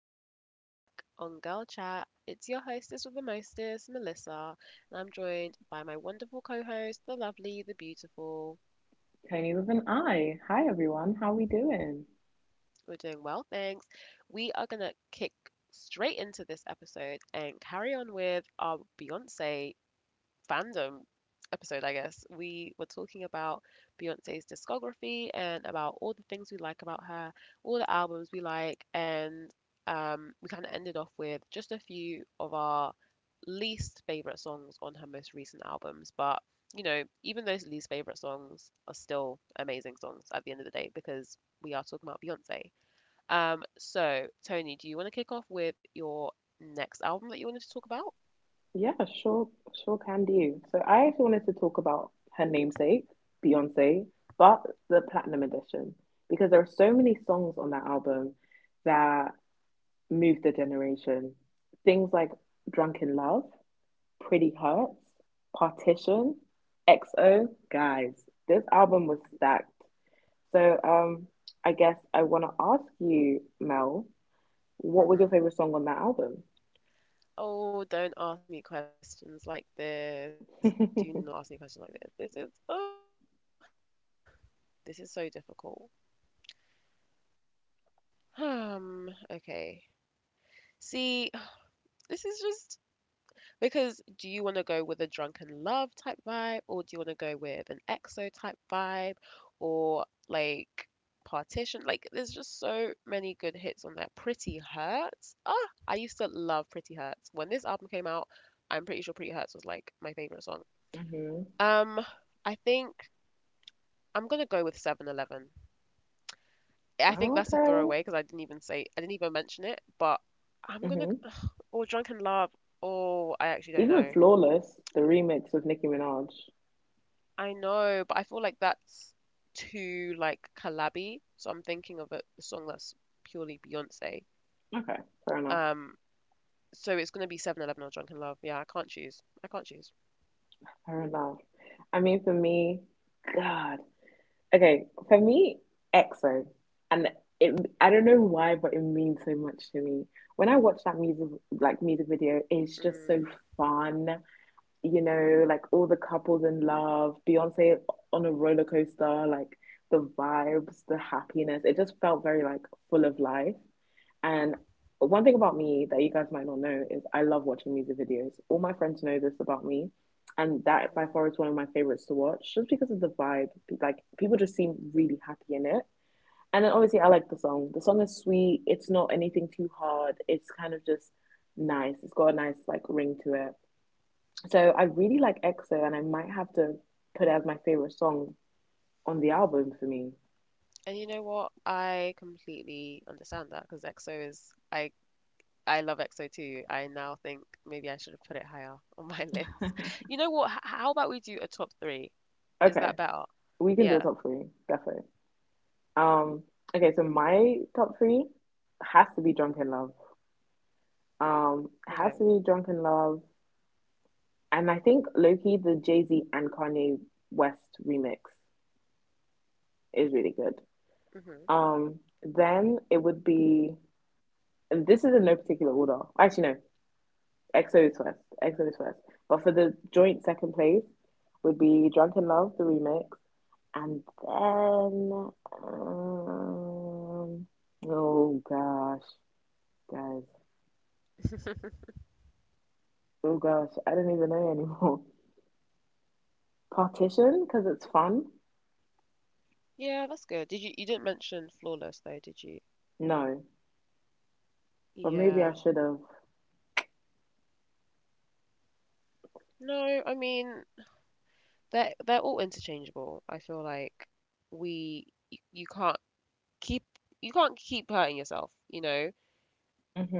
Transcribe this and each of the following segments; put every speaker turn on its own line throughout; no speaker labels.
guys. We're back on Girl Chat. It's your hostess with the mostest, Melissa, and I'm joined by my wonderful co host, the lovely, the beautiful.
Tony with an I. Hi everyone, how we doing?
We're doing well, thanks. We are going to kick straight into this episode and carry on with our Beyonce fandom episode, I guess, we were talking about Beyonce's discography and about all the things we like about her, all the albums we like, and we kind of ended off with just a few of our least favorite songs on her most recent albums. But, you know, even those least favorite songs are still amazing songs at the end of the day because we are talking about Beyonce. So, Tony, do you want to kick off with your next album that you wanted to talk about?
Yeah, sure, sure can do. So I actually wanted to talk about her namesake, Beyonce, but the platinum edition because there are so many songs on that album that moved the generation. Things like Drunken Love, Pretty Hurts, Partition, XO, guys. This album was stacked. So I guess I want to ask you, Mel, what was your favorite
Hmm
song on that album?
Oh, don't ask me questions like this. Do
Hmm.
not ask me questions like this. This is so difficult. Okay. See, this is just because do you want to go with a drunken love type vibe or do you want to go with an exo type vibe or like partition? Like there's just so many good hits on that. Pretty Hurts. Ah, I used to love Pretty Hurts. When this album came out, I'm pretty sure Pretty Hurts was like my favorite song. Um, I think I'm gonna go with 7/11. I think that's a
Okay.
throwaway because I didn't even mention it, but I'm gonna,
Hmm.
or Drunken Love. Oh, I actually don't
Even
know.
Flawless, the remix with Nicki Minaj.
I know, but I feel like that's too like collabby, so I'm thinking of a song that's purely Beyonce.
Okay, fair enough.
Um, so it's gonna be 7/11 or Drunken Love. Yeah, I can't choose. I can't choose.
Fair enough. I mean, for me, God. Okay, for me, EXO, and it. I don't know why, but it means so much to me. When I watch that music, like music video, it's just so
Mm,
fun. You know, like all the couples in love, Beyonce on a roller coaster, like the vibes, the happiness. It just felt very like full of life. And one thing about me that you guys might not know is I love watching music videos. All my friends know this about me, and that by
hmm.
far is one of my favorites to watch just because of the vibe. Like people just seem really happy in it. And then obviously I like the song. The song is sweet. It's not anything too hard. It's kind of just nice. It's got a nice like ring to it. So I really like EXO, and I might have to put it as my favorite song on the album for me.
And you know what? I completely understand that because EXO is I love EXO too. I now think maybe I should have put it higher on my list. You know what? How about we do a top three? Is
Okay,
that better?
we can do a
Yeah.
top three, definitely. Um, okay, so my top three has to be Drunk in Love. It
Okay.
has to be Drunk in Love, and I think Loki, the Jay Z and Kanye West remix is really good.
hmm
Then it would be, and this is in no particular order. Actually, no. X O is first. X O is first. But for the joint second place would be Drunken Love, the remix. And then um, oh gosh, guys. Oh gosh, I don't even know anymore. Partition, because it's fun?
Yeah, that's good. Did you didn't mention Flawless though, did you?
No. But maybe I
Yeah.
should have.
No, I mean they're all interchangeable. I feel like you can't keep, you can't keep hurting yourself, you know?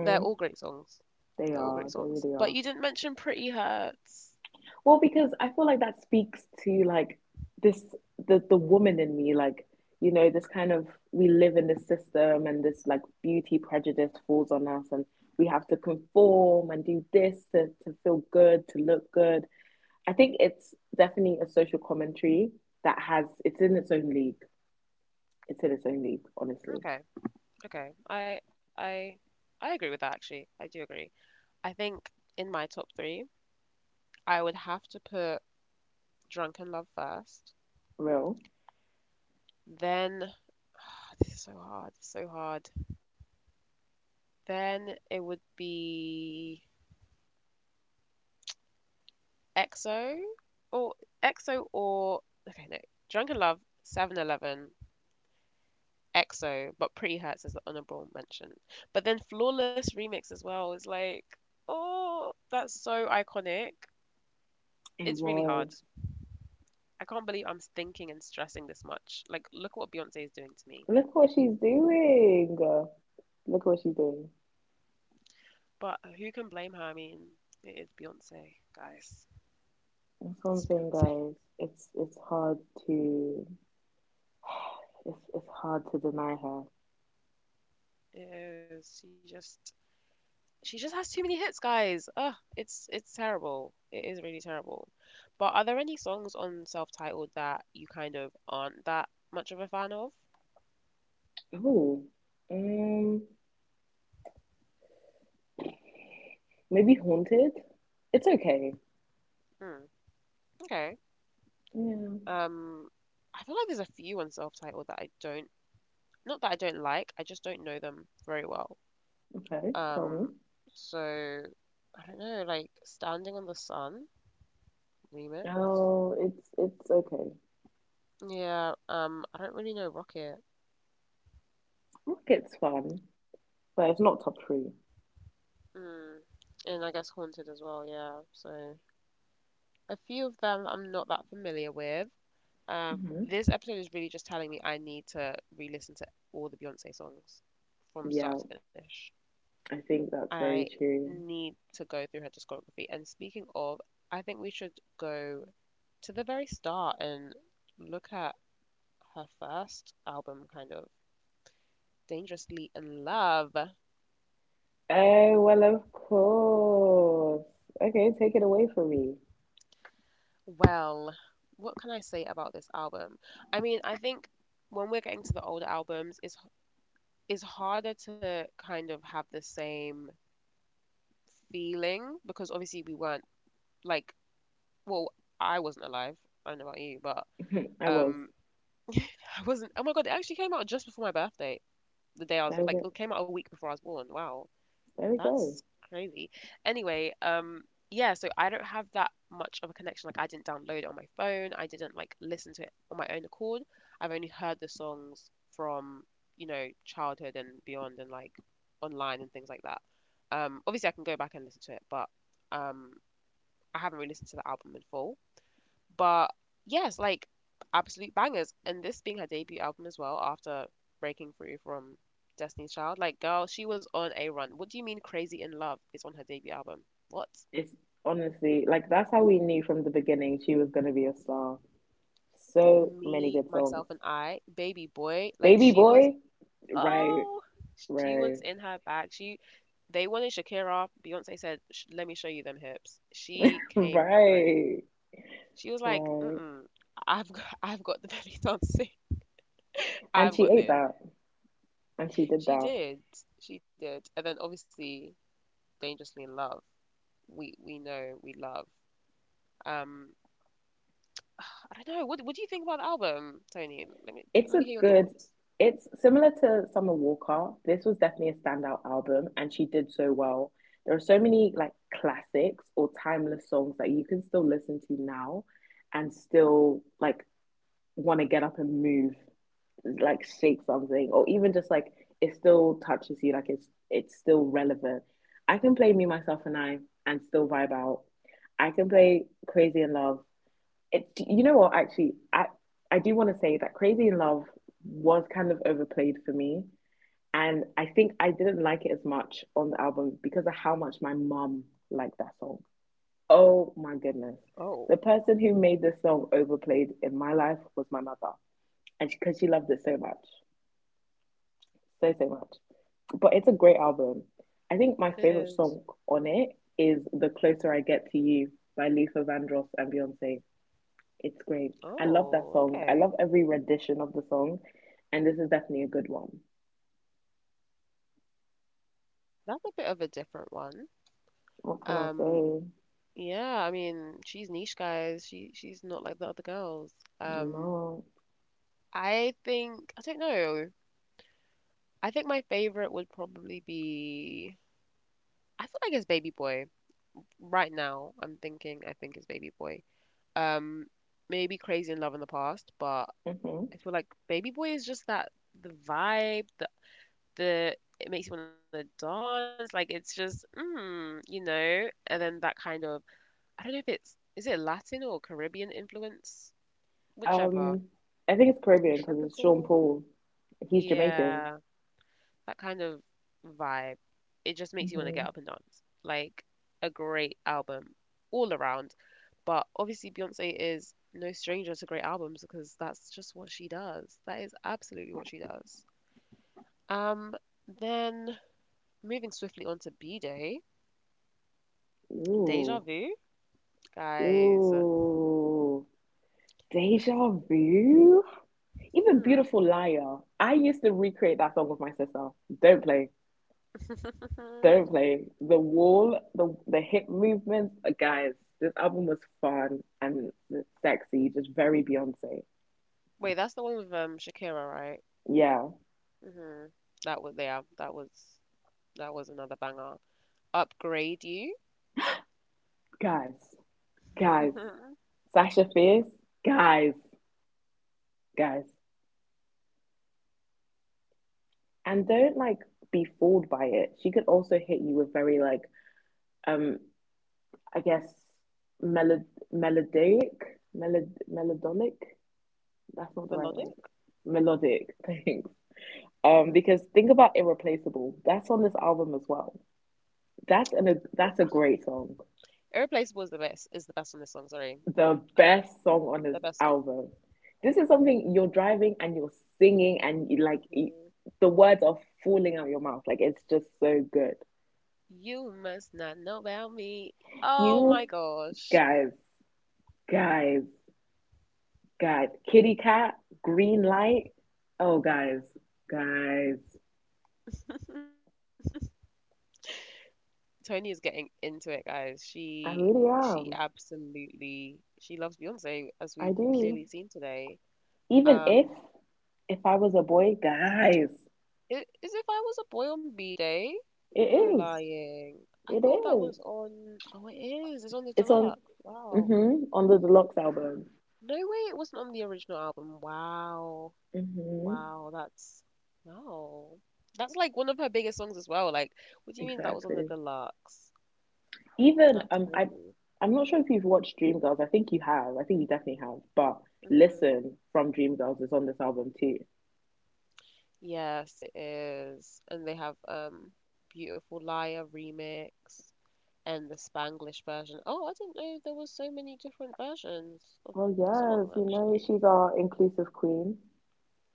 They're all great songs.
They
They're all great
are, they
songs.
really
But
are.
you didn't mention Pretty Hurts.
Well, because I feel like that speaks to like this the woman in me, like, you know, this kind of we live in this system and this like beauty prejudice falls on us and we have to conform and do this, to feel good, to look good. I think it's definitely a social commentary that has it's in its own league. It's in its own league, honestly.
Okay. Okay, I I agree with that actually. I do agree. I think in my top three, I would have to put Drunken Love first.
Real.
Then this is so hard, so hard. Then it would be EXO or EXO or okay no, Drunken Love, 7/11, EXO, but Pretty Hurts is the honorable mention. But then Flawless remix as well is like, oh, that's so iconic.
It
It's really
was.
hard. I can't believe I'm thinking and stressing this much. Like, look what Beyonce is doing to me.
Look what she's doing. Look what she's doing.
But who can blame her? I mean, it is Beyonce, guys.
That's what I'm
It's
saying,
Beyonce.
guys. It's hard to it's hard to deny her.
It is. She just has too many hits, guys. Ugh, it's terrible. It is really terrible. But are there any songs on self-titled that you kind of aren't that much of a fan of?
Oh, um, maybe haunted. It's okay.
Hmm. Okay.
Yeah.
Um, I feel like there's a few on self-titled that I don't, not that I don't like, I just don't know them very well.
Okay. Tell
Um,
me.
so I don't know, like Standing on the Sun remix.
Oh, it's okay.
Yeah, I don't really know Rocket.
Look, it's fun, but it's not top 3.
Mm. And I guess Haunted as well, yeah. So a few of them I'm not that familiar with. Um,
Mm-hmm.
this episode is really just telling me I need to re-listen to all the Beyonce songs from
Yeah,
start to finish.
I think that's
I
very true.
need to go through her discography. And speaking of, I think we should go to the very start and look at her first album, kind of. Dangerously in Love.
Oh, well, of course. Okay, take it away from me.
Well, what can I say about this album? I mean, I think when we're getting to the older albums, it's harder to kind of have the same feeling because obviously we weren't like, well, I wasn't alive. I don't know about you, but
I was.
um, I wasn't. Oh my God, it actually came out just before my birthday. The day I
There
was
we
like,
go.
it came out a week before I was born. Wow.
There we go.
That's crazy. Anyway, yeah, so I don't have that much of a connection. Like, I didn't download it on my phone. I didn't like listen to it on my own accord. I've only heard the songs from, you know, childhood and beyond and like online and things like that. Obviously I can go back and listen to it, but um, I haven't really listened to the album in full. But yes, like absolute bangers. And this being her debut album as well, after breaking through from Destiny's Child, like girl, she was on a run. What do you mean Crazy in Love is on her debut album? What?
It's honestly like that's how we knew from the beginning she was gonna be a star. So many
Me,
good songs.
myself and I, baby boy,
Baby
like
Boy, right,
oh she
right,
was in her bag. She They wanted Shakira. Beyonce said, "Let me show you them hips." She came through.
right,
She was like,
right.
"Mm-mm, I've got, I've got the belly dancing.
And
I've
she
got
ate
this."
that, and she did
She
that.
did. She did. And then obviously Dangerously in Love. We know we love. Um I don't know. What do you think about the album, Tony?
It's
Let
a
me hear your
good.
thoughts.
It's similar to Summer Walker. This was definitely a standout album, and she did so well. There are so many like classics or timeless songs that you can still listen to now, and still like want to get up and move like shake something or even just like it still touches you like it's still relevant. I can play Me Myself and I and still vibe out. I can play Crazy in Love. It, you know what, actually I do want to say that Crazy in Love was kind of overplayed for me, and I think I didn't like it as much on the album because of how much my mum liked that song. Oh my goodness.
Oh,
The person who made this song overplayed in my life was my mother, and because she loved it so much, so so much. But it's a great album. I think my
it
favorite
is.
song on it is "The Closer I Get to You" by Luther Vandross and Beyonce. It's great. I love that
Oh,
song. I
okay.
love every rendition of the song, and this is definitely a good one.
That's a bit of a different one.
What can I
Um
say?
yeah, I mean, she's niche guys. She's not like the other girls. Um
No.
I think I don't know. I think my favorite would probably be, I feel like it's Baby Boy. Right now, I'm thinking I think it's Baby Boy. Um, maybe Crazy in Love in the past, but
Hmm.
I feel like Baby Boy is just that the vibe, the it makes you want to dance. Like it's just, mm, you know. And then that kind of, I don't know if it's, is it Latin or Caribbean influence, whichever.
Um, I think it's Caribbean because it's Sean
Tropical.
Paul. He's Jamaican.
Yeah. That kind of vibe, it just makes you want to get
Hmm.
up and dance. Like a great album all around. But obviously, Beyonce is no stranger to great albums because that's just what she does. That is absolutely what she does. Um, then moving swiftly on to B Day, Deja
Ooh,
Vu, guys.
ooh, deja vu. Even
Hmm.
Beautiful Liar, I used to recreate that song with my sister. Don't play. Don't play. The wall, the hip movements, guys, this album was fun and sexy, just very Beyonce.
Wait, that's the one with Shakira, right?
Yeah.
hmm That was yeah, that was another banger. Upgrade You.
Guys, guys. Sasha Fierce, guys, guys. And don't like be fooled by it. She could also hit you with very like um I guess melod melodic, that's not the right word.
Melodic?
Melodic. Thanks.
Hmm
Because think about Irreplaceable. That's on this album as well. That's an
R-
that's a great song.
Irreplaceable is the best. Is the best on this song. Sorry,
The best song on this
the best song.
album. This is something you're driving and you're singing and you, like it,
Mhm.
the words are falling out your mouth. Like it's just so good.
You must not know about me. Oh my
You
gosh.
guys, guys, guys. Kitty Cat, Green Light. Oh, guys, guys.
Tony is getting into it, guys. She
I really
she
am.
absolutely she loves Beyonce, as we've
I
clearly
do.
seen today.
Even if
Um,
If I was a boy, guys,
I- is if I was a boy on B-Day.
it
You're
is.
lying. I
It
thought that
is.
was on. Oh, it is. It's on the
It's on,
deluxe. Wow.
mm-hmm, on the deluxe album.
No way, it wasn't on the original album. Wow.
Mm-hmm.
Wow, wow. That's like one of her biggest songs as well. Like, what do you mean that was on the
Exactly.
deluxe?
Even
That's
I
crazy.
I'm not sure if you've watched Dreamgirls. I think you have. I think you definitely have. But
Hmm
Listen from Dreamgirls is on this album too.
Yes, it is. And they have Beautiful Liar remix and the Spanglish version. Oh, I didn't know there was so many different versions of
Oh
the
yes,
song
you know
actually.
she's our inclusive queen.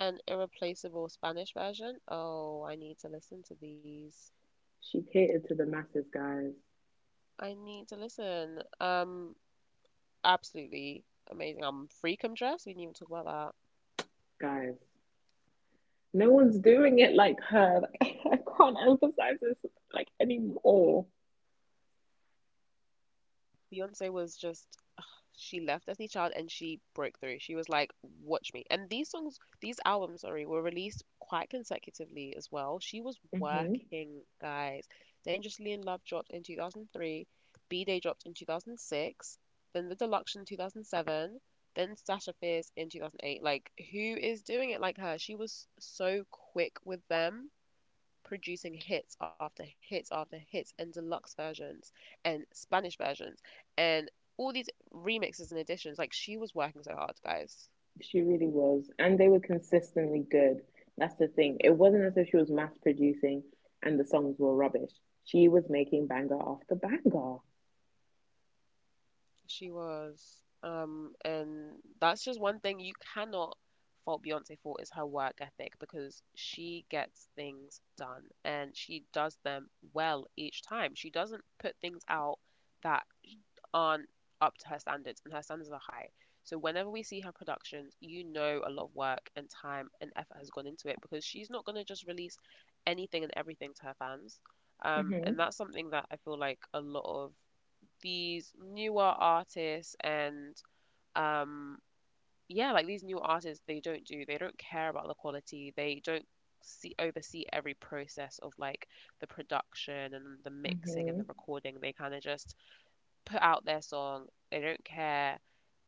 An irreplaceable Spanish version. Oh, I need to listen to these.
She catered to the masses, guys.
I need to listen. Absolutely amazing. Freakum Dress. We didn't even talk about that.
Guys. No one's doing it like her. Like, I can't emphasize this like anymore.
Beyonce was just, she left Destiny's Child and she broke through. She was like, "Watch me." And these songs, these albums, sorry, were released quite consecutively as well. She was
Hmm.
working, guys. Dangerously in Love dropped in 2003, B Day dropped in 2006, then The Deluxe in 2007, then Sasha Fierce in 2008. Like, who is doing it like her? She was so quick with them producing hits after hits after hits and deluxe versions and Spanish versions and all these remixes and additions. Like she was working so hard, guys.
She really was. And they were consistently good. That's the thing. It wasn't
Hmm
as if she was mass producing and the songs were rubbish. She was making banger after banger.
She was. And that's just one thing you cannot fault Beyonce for is her work ethic because she gets things done and she does them well each time. She doesn't put things out that aren't up to her standards and her standards are high. So whenever we see her productions, you know a lot of work and time and effort has gone into it because she's not going to just release anything and everything to her fans.
Hmm.
And that's something that I feel like a lot of these newer artists and um, yeah, like these new artists, they don't do. They don't care about the quality. They don't see oversee every process of like the production and the mixing and
Hmm.
the recording. They kind of just put out their song. They don't care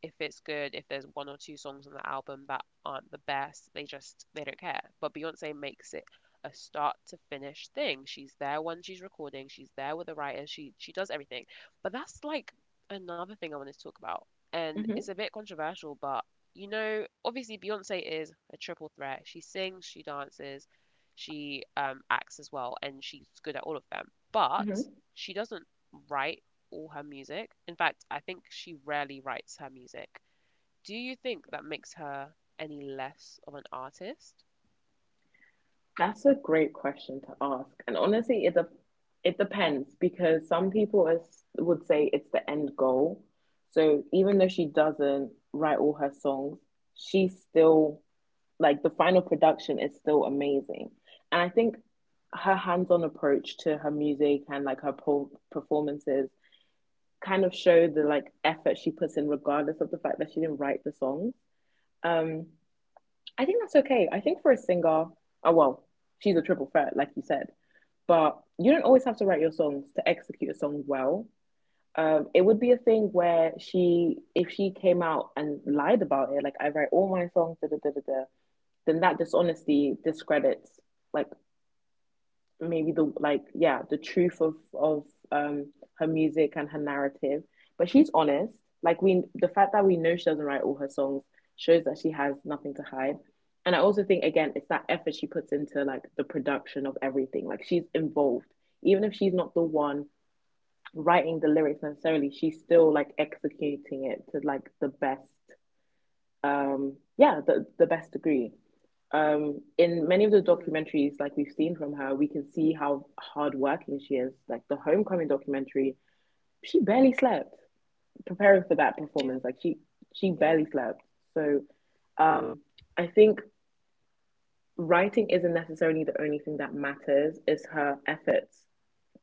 if it's good, if there's one or two songs on the album that aren't the best. They don't care. But Beyonce makes it a start to finish thing. She's there when she's recording, she's there with the writers, she does everything. But that's like another thing I wanted to talk about. And
Hmm.
it's a bit controversial, but you know, obviously Beyonce is a triple threat. She sings, she dances, she acts as well, and she's good at all of them. But
Hmm.
she doesn't write all her music. In fact, I think she rarely writes her music. Do you think that makes her any less of an artist?
That's a great question to ask. And honestly, it depends because some people would say it's the end goal. So even though she doesn't write all her songs, she still like the final production is still amazing. And I think her hands-on approach to her music and like her performances kind of show the like effort she puts in regardless of the fact that she didn't write the songs. Um, I think that's okay. I think for a singer, oh well, she's a triple threat, like you said. But you don't always have to write your songs to execute a song well. It would be a thing where she, if she came out and lied about it, like I write all my songs, da da da da da, then that dishonesty discredits like maybe the like yeah the truth of um her music and her narrative. But she's honest, like, we the fact that we know she doesn't write all her songs shows that she has nothing to hide. And I also think again it's that effort she puts into like the production of everything, like she's involved even if she's not the one writing the lyrics necessarily. She's still like executing it to like the best, yeah, the best degree. In many of the
Hmm.
documentaries, like we've seen from her, we can see how hardworking she is. Like the homecoming documentary, she barely slept preparing for that
Yeah.
performance. Like she barely
Yeah.
slept. So um, I think writing isn't necessarily the only thing that matters. It's her efforts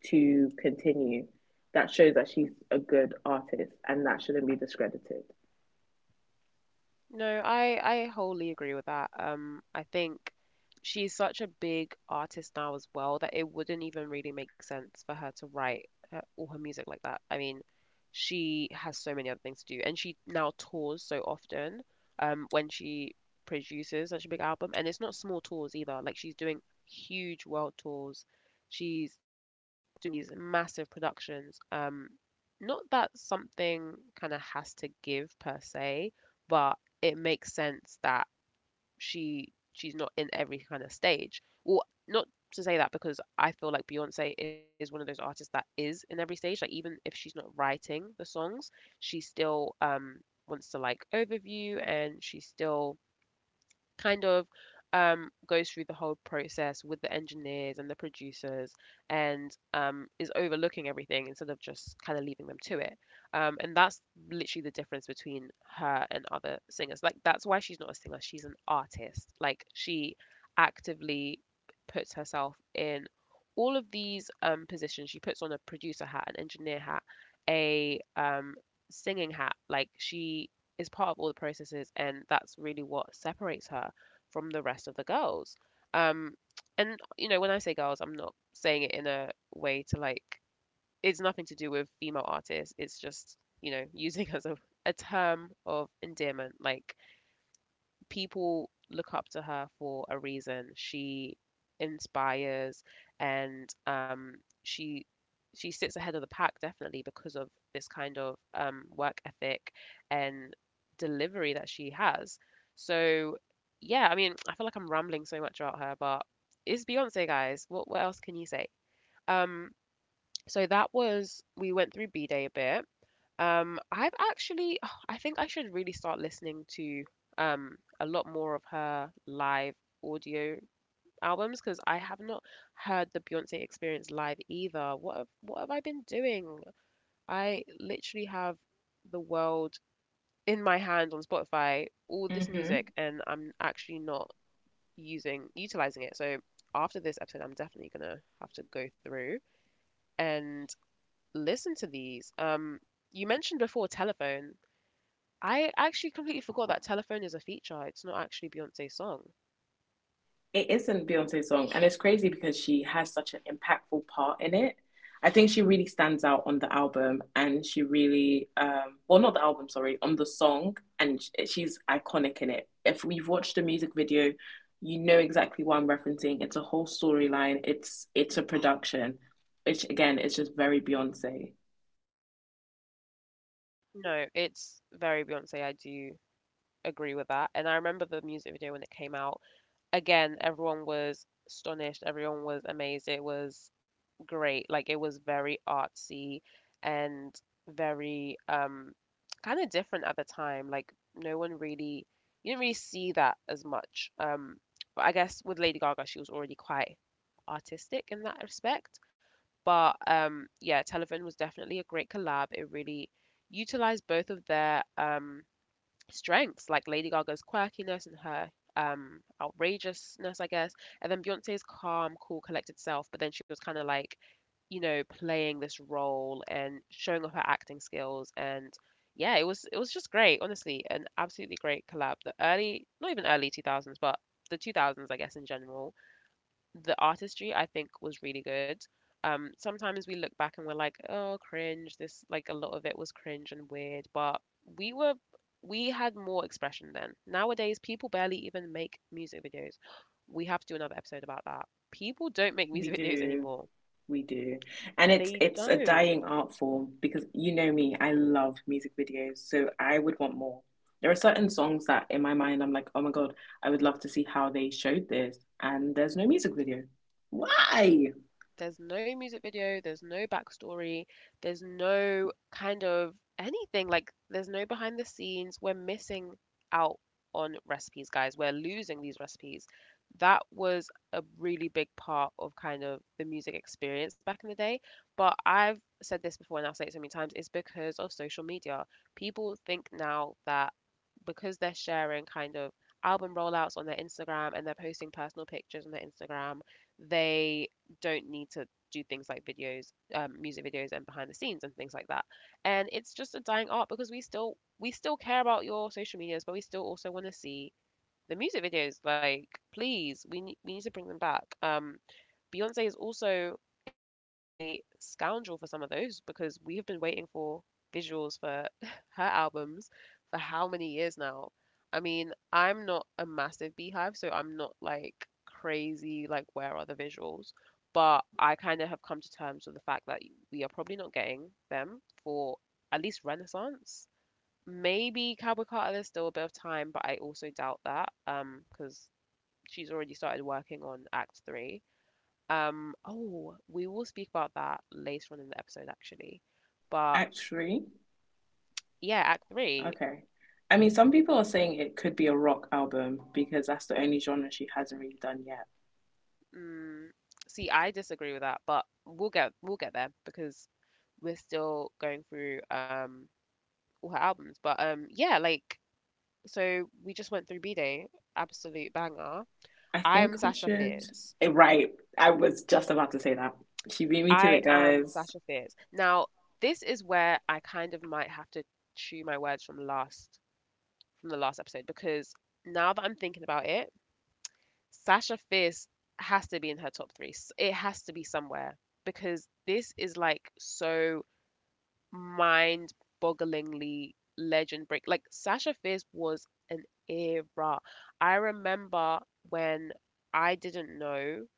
to continue that shows that she's a good artist, and that shouldn't be discredited.
No, I wholly agree with that. I think she's such a big artist now as well that it wouldn't even really make sense for her to write her, all her music like that. I mean, she has so many other things to do, and she now tours so often. When she produces such a big album, and it's not small tours either. Like she's doing huge world tours. She's doing these massive productions. Not that something kind of has to give per se, but it makes sense that she's not in every kind of stage. Well, not to say that because I feel like Beyonce is one of those artists that is in every stage. Like even if she's not writing the songs, she still wants to like overview and she still kind of goes through the whole process with the engineers and the producers and is overlooking everything instead of just kind of leaving them to it. And that's literally the difference between her and other singers. Like, that's why she's not a singer, she's an artist. Like, she actively puts herself in all of these positions. She puts on a producer hat, an engineer hat, a singing hat. Like, she is part of all the processes, and that's really what separates her from the rest of the girls. Um, and you know, when I say girls, I'm not saying it in a way to like it's nothing to do with female artists. It's just you know using as a term of endearment, like people look up to her for a reason. She inspires and she she sits ahead of the pack definitely because of this kind of work ethic and delivery that she has. So yeah, I mean, I feel like I'm rambling so much about her, but it's Beyonce, guys. What else can you say? Um, so that was we went through B Day a bit. I've actually oh, I think I should really start listening to a lot more of her live audio albums because I have not heard the Beyoncé Experience live either. What have I been doing? I literally have the world in my hand on Spotify, all this music,
Hmm.
and I'm actually not using utilizing it. So after this episode, I'm definitely gonna have to go through and listen to these. You mentioned before Telephone. I actually completely forgot that Telephone is a feature. It's not actually Beyonce's song.
It isn't Beyonce's song, and it's crazy because she has such an impactful part in it. I think she really stands out on the album, and she really, well, not the album, sorry, on the song, and she's iconic in it. If we've watched the music video, you know exactly what I'm referencing. It's a whole storyline. It's a production, which again, it's just very Beyonce.
No, it's very Beyonce. I do agree with that. And I remember the music video when it came out. Again, everyone was astonished. Everyone was amazed. It was great. Like it was very artsy and very kind of different at the time. Like no one really you didn't really see that as much. But I guess with Lady Gaga, she was already quite artistic in that respect. But yeah, Television was definitely a great collab. It really utilized both of their strengths, like Lady Gaga's quirkiness and her outrageousness, I guess, and then Beyonce's calm, cool, collected self. But then she was kind of like, you know, playing this role and showing off her acting skills. And yeah, it was just great, honestly, an absolutely great collab. The early, not even early 2000s, but the 2000s, I guess, in general the artistry I think was really good. Sometimes we look back and we're like, oh, cringe. This like a lot of it was cringe and weird, but we were we had more expression then. Nowadays, people barely even make music videos. We have to do another episode about that. People don't make
We
music videos
do.
anymore.
We do. And it's
They
it's a
don't.
dying art form because you know me, I love music videos, so I would want more. There are certain songs that in my mind I'm like, "Oh my God, I would love to see how they showed this." And there's no music video. Why?
There's no music video, there's no backstory, there's no kind of anything. Like, there's no behind the scenes. We're missing out on recipes, guys. We're losing these recipes. That was a really big part of kind of the music experience back in the day. But I've said this before and I'll say it so many times, it's because of social media. People think now that because they're sharing kind of album rollouts on their Instagram and they're posting personal pictures on their Instagram, they don't need to do things like videos, music videos, and behind the scenes and things like that. And it's just a dying art because we still care about your social medias, but we still also want to see the music videos. Like, please, we need to bring them back. Beyonce is also a scoundrel for some of those because we have been waiting for visuals for her albums for how many years now? I mean, I'm not a massive Beehive, so I'm not like crazy, like, where are the visuals? But I kind of have come to terms with the fact that we are probably not getting them for at least Renaissance. Maybe Cowboy Carter, there's still a bit of time, but I also doubt that because she's already started working on Act Three. Oh, we will speak about that later on in the episode, actually. But
Actually,
yeah, Act Three.
okay. I mean, some people are saying it could be a rock album because that's the only genre she hasn't really done yet.
Mm, see, I disagree with that, but we'll get there because we're still going through all her albums. But yeah, like so we just went through B Day, absolute banger.
I
I am
think we
Sasha
should.
Fierce.
Eh, right. I was just about to say that. She beat me to
I
it,
am
guys.
Sasha Fierce. Now, this is where I kind of might have to chew my words from last from the last episode because now that I'm thinking about it Sasha Fierce has to be in her top three. S- It has to be somewhere because this is like so mind bogglingly legend break. Like Sasha Fierce was an era. I remember when I didn't know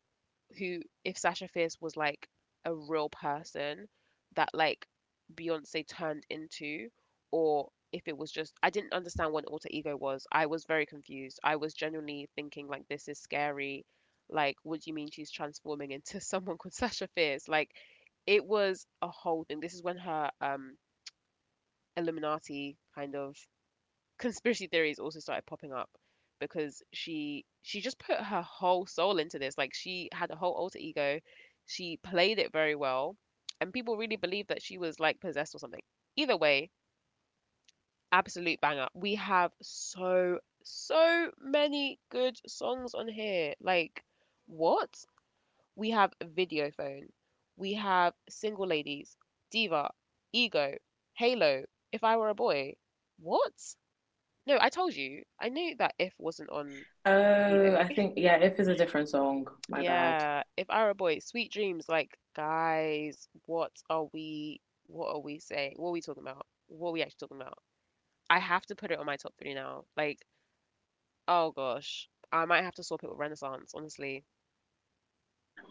who if Sasha Fierce was like a real person that like Beyonce turned into, or if it was just I didn't understand what an alter ego was. I was very confused. I was genuinely thinking like this is scary. Like, what do you mean she's transforming into someone called Sasha Fierce? Like, it was a whole thing. This is when her Illuminati kind of conspiracy theories also started popping up because she just put her whole soul into this. Like she had a whole alter ego. She played it very well, and people really believed that she was like possessed or something. Either way, absolute banger. We have so many good songs on here. Like what? We have Video Phone. We have Single Ladies, Diva, Ego, Halo, If I Were a Boy. What? No, I told you. I knew that if wasn't on B
Oh,
Day.
I think yeah, if is a different song, my bad.
Yeah, if I boy, sweet dreams. Like, guys, what are we? What are we saying? What are we talking about? What are we actually talking about? I have to put it on my top three now. Like, oh gosh, I might have to swap it with Renaissance, honestly.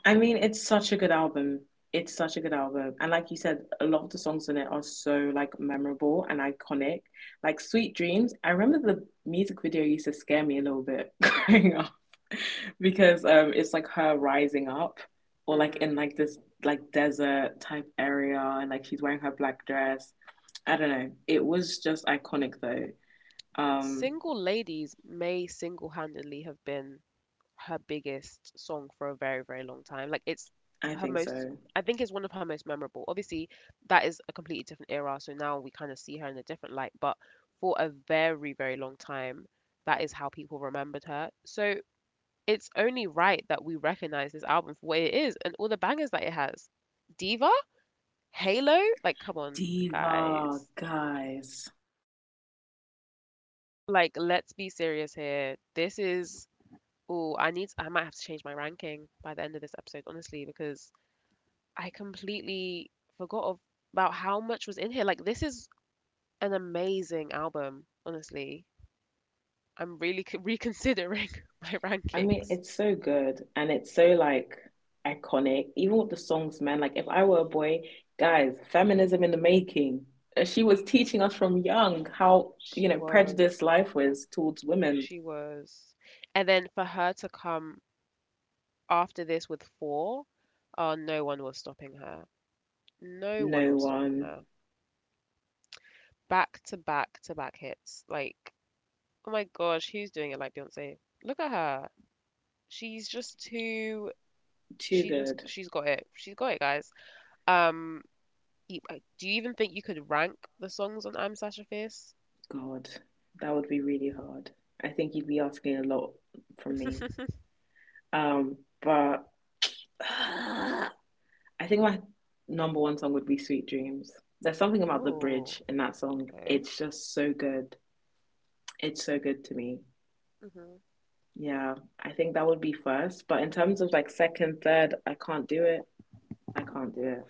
I mean, it's such a good album. It's such a good album. And like you said, a lot of the songs in it are so like memorable and iconic. Like Sweet Dreams, I remember the music video used to scare me a little bit growing up because it's like her rising up or like in
Hmm.
like this like desert type area and like she's wearing her black dress. I don't know. It was just iconic though. Um,
Single ladies may single-handedly have been her biggest song for a very, very long time. Like it's
I
her
think
most
so.
I think it's one of her most memorable. Obviously, that is a completely different era, so now we kind of see her in a different light, but for a very, very long time, that is how people remembered her. So it's only right that we recognize this album for what it is and all the bangers that it has. Diva? Halo? Like, come on,
Diva,
guys.
guys.
Like, let's be serious here. This is. Oh, I need. I might have to change my ranking by the end of this episode, honestly, because I completely forgot of, about how much was in here. Like, this is an amazing album, honestly. I'm really c- reconsidering my
I mean,
rankings.
it's so good and it's so like iconic. Even with the songs, man, like if I were a boy, guys, feminism in the making. She was teaching us from young how, you
She
know,
was,
prejudiced life was towards women.
she was. And then for her to come after this with four, oh, no one was stopping her. No one
No
was stopping
one.
her. Back to back to back hits. Like, oh my gosh, who's doing it like Beyonce? Look at her. She's just too,
Too
she just,
good.
she's got it. She's got it, guys. Um, You, do you even think you could rank the songs on I'm Sasha Fierce?
God, that would be really hard. I think you'd be asking a lot from me. Um, but uh, I think my number one song would be Sweet Dreams. There's something about the
Oh,
bridge in that song.
okay.
It's just so good. It's so good to me.
Hmm.
Yeah, I think that would be first. But in terms of like second, third, I can't do it.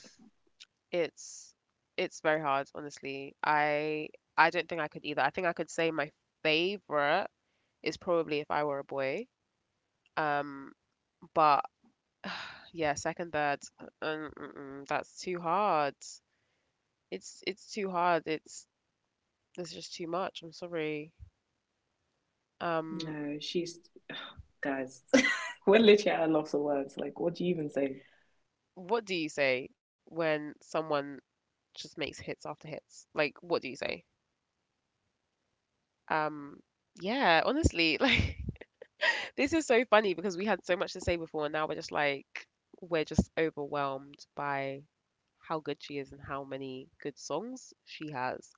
It's it's very hard, honestly. I don't think I could either. I think I could say my favorite is probably If I Were a Boy. Um, but yeah, second, third, that's too hard. It's too hard. It's There's just too much. I'm sorry. Um,
No, she's. Guys, we're literally at a loss of words. Like, what do you even say?
what do you say when someone just makes hits after hits. Like, what do you say? Um, yeah, honestly, this is so funny because we had so much to say before, and now we're just like we're just overwhelmed by how good she is and how many good songs she has.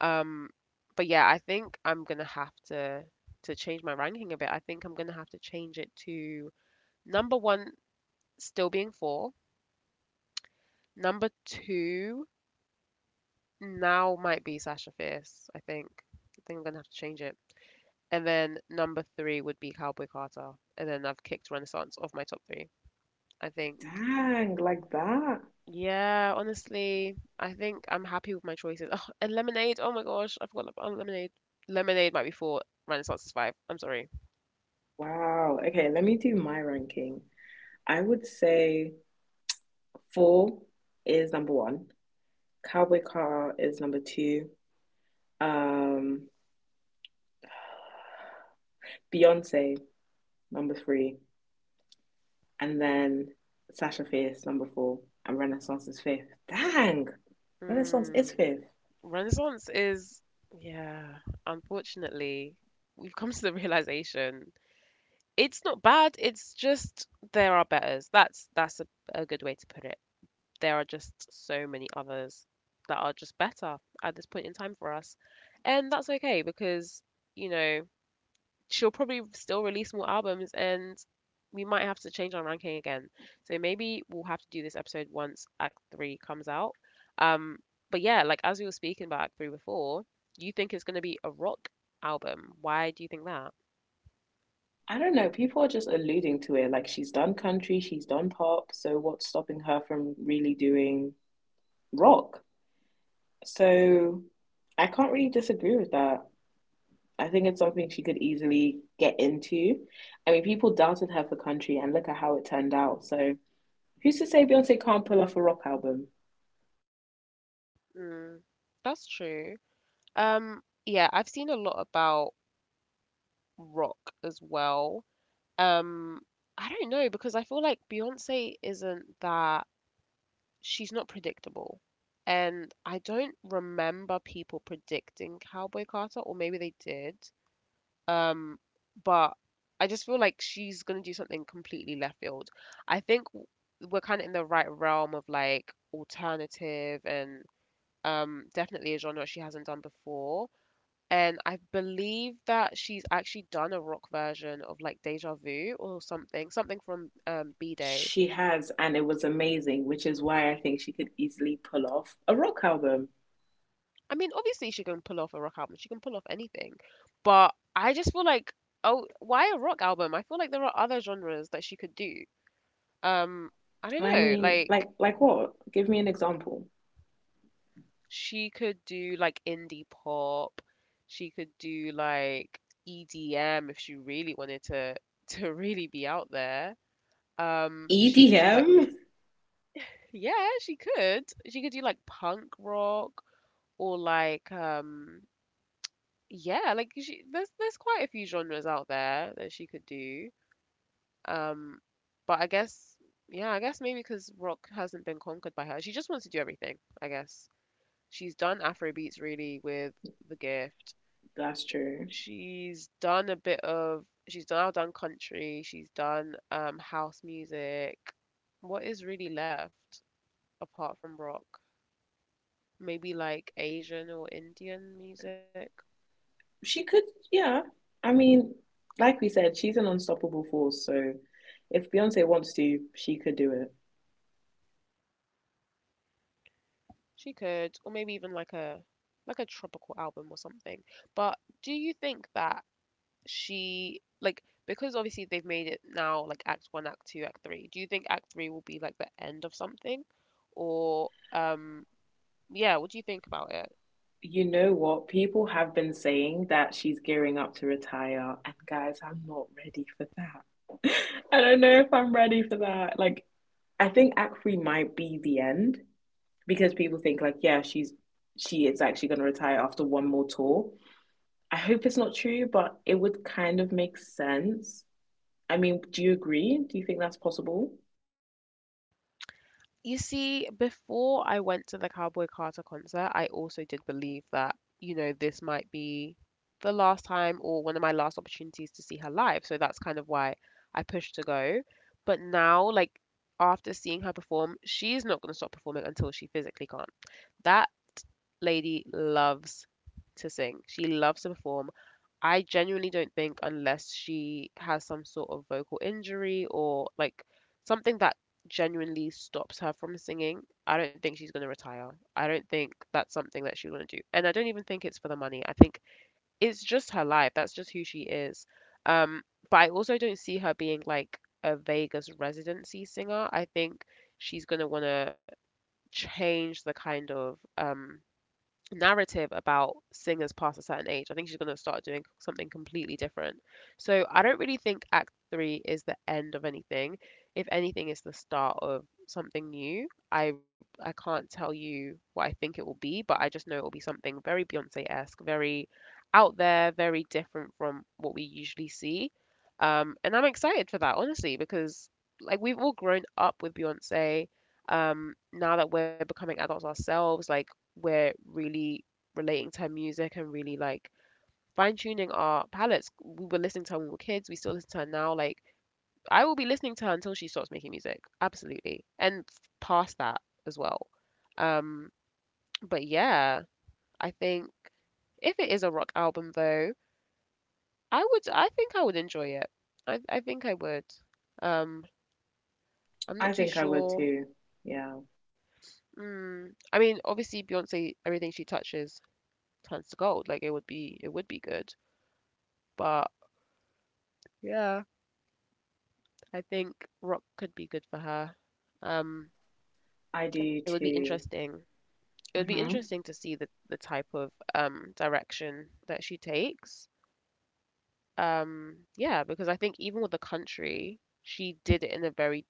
Um, but yeah, I think I'm gonna have to change my ranking a bit. I think I'm gonna have to change it to number one still being four. Number two now might be Sasha Fierce, I think. I think I'm gonna have to change it. And then number three would be Cowboy Carter. And then I've kicked Renaissance off my top three. I think,
Dang, like that?
yeah, honestly, I think I'm happy with my choices. Oh, and Lemonade, oh my gosh, I forgot about Lemonade. Lemonade might be four, Renaissance is five. I'm sorry.
Wow. Okay, let me do my ranking. I would say four is number one, Cowboy Car is number two. um, Beyonce number three, and then Sasha Fierce number four, and Renaissance is fifth. Dang, Renaissance
Hmm.
is fifth.
Renaissance is, yeah, unfortunately, we've come to the realization it's not bad. It's just there are betters. That's a good way to put it. There are just so many others that are just better at this point in time for us. And that's okay because, you know, she'll probably still release more albums and we might have to change our ranking again. So maybe we'll have to do this episode once Act 3 comes out. Um, but yeah, like as we were speaking about Act 3 before, you think it's going to be a rock album. Why do you think that?
I don't know. People are just alluding to it. Like she's done country, she's done pop. So what's stopping her from really doing rock? So I can't really disagree with that. I think it's something she could easily get into. I mean, people doubted her for country, and look at how it turned out. So who's to say Beyonce can't pull off a rock album?
Mm, that's true. Yeah, I've seen a lot about rock as well. Um, I don't know because I feel like Beyoncé isn't that she's not predictable. And I don't remember people predicting Cowboy Carter, or maybe they did. Um, but I just feel like she's gonna do something completely left field. I think w- we're kind of in the right realm of like alternative and definitely a genre she hasn't done before. And I believe that she's actually done a rock version of like Deja Vu or something, something from B-Day.
She has, and it was amazing, which is why I think she could easily pull off a rock album.
I mean, obviously she can pull off a rock album. She can pull off anything. But I just feel like, oh, why a rock album? I feel like there are other genres that she could do. Um, I don't
I
know.
mean, like
Like
like what? Give me an example.
she could do like indie pop. She could do like EDM if she really wanted to to really be out there. She could do like
EDM?
Yeah, she could. She could do like punk rock or yeah, like she there's quite a few genres out there that she could do. Um but I guess yeah, I guess maybe because rock hasn't been conquered by her. She just wants to do everything, I guess. She's done Afrobeats really with The Gift.
That's true.
She's done a bit of She's now done country, she's done house music. What is really left apart from rock? Maybe like Asian or Indian music.
She could, yeah. I mean, like we said, she's an unstoppable force, so if Beyonce wants to, she could do it.
She could, or maybe even like a tropical album or something. But do you think that she like because obviously they've made it now like Act One, Act Two, Act Three. Do you think Act Three will be like the end of something, or um yeah, what do you think about it?
You know what? People have been saying that she's gearing up to retire, and guys, I'm not ready for that. I don't know if I'm ready for that. Like, I think Akri might be the end, because people think like, yeah, she is actually going to retire after one more tour. I hope it's not true, but it would kind of make sense. I mean, do you agree? Do you think that's possible?
You see, before I went to the Cowboy Carter concert, I also did believe that, you know, this might be the last time or one of my last opportunities to see her live. So that's kind of why I pushed to go. But now, like, after seeing her perform, she's not going to stop performing until she physically can't. That lady loves to sing, she loves to perform. I genuinely don't think unless she has some sort of vocal injury or like something that genuinely stops her from singing, I don't think she's going to retire. I don't think that's something that she would want to do. And I don't even think it's for the money. I think it's just her life. That's just who she is. Um, but I also don't see her being like a Vegas residency singer. I think she's going to want to change the kind of narrative about singers past a certain age. I think she's going to start doing something completely different. So I don't really think Act Three is the end of anything. If anything, it's the start of something new. I can't tell you what I think it will be, but I just know it will be something very Beyonce-esque, very out there, very different from what we usually see. And I'm excited for that, honestly, because like we've all grown up with Beyonce. Now that we're becoming adults ourselves, like we're really relating to her music and really like fine tuning our palettes. We were listening to her when we were kids. We still listen to her now. Like I will be listening to her until she stops making music. Absolutely, and past that as well. Um, but yeah, I think if it is a rock album though, I would. I think I would enjoy it. I think I would. Um, I'm
I
not
think
too
I would
sure.
too. Yeah,
Mm, I mean, obviously Beyonce, everything she touches turns to gold. Like it would be good. But yeah, I think rock could be good for her. Um,
I
it
do
would be
too.
interesting. It would be
Mm-hmm.
interesting to see the type of direction that she takes. Yeah, because I think even with the country, she did it in a very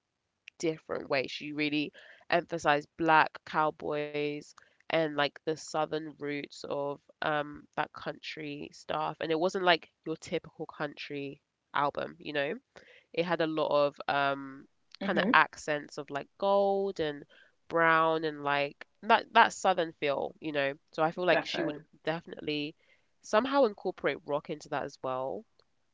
different way. She really emphasized black cowboys and like the southern roots of that country stuff. And it wasn't like your typical country album, you know? It had a lot of kind of
Mm-hmm.
accents of like gold and brown and like that southern feel, you know. So I feel like she would
Defo.
definitely somehow incorporate rock into that as well.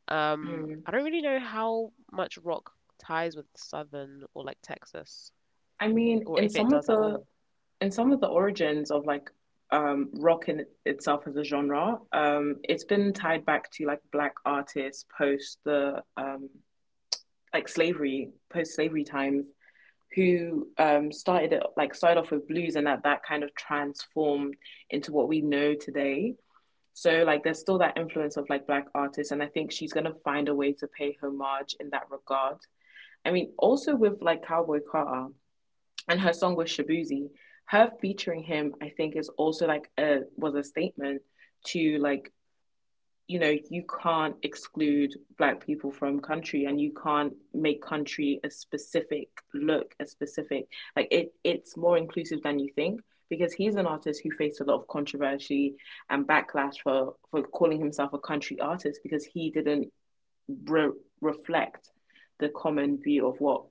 Mm.
I don't really know how much rock ties with southern or like Texas
I mean,
or
in
if it
some of
does at
the
all.
in some of the origins of like rock in itself as a genre, it's been tied back to like black artists post the like slavery, post slavery times, who started it like started off with blues and that kind of transformed into what we know today. So like there's still that influence of like black artists, and I think she's gonna find a way to pay homage in that regard. I mean, also with like Cowboy Carter and her song with Shabuzi, her featuring him, I think, is also like a was a statement to like you know, you can't exclude black people from country and you can't make country a specific look, a specific like it's more inclusive than you think because he's an artist who faced a lot of controversy and backlash for calling himself a country artist because he didn't re- reflect the common view of what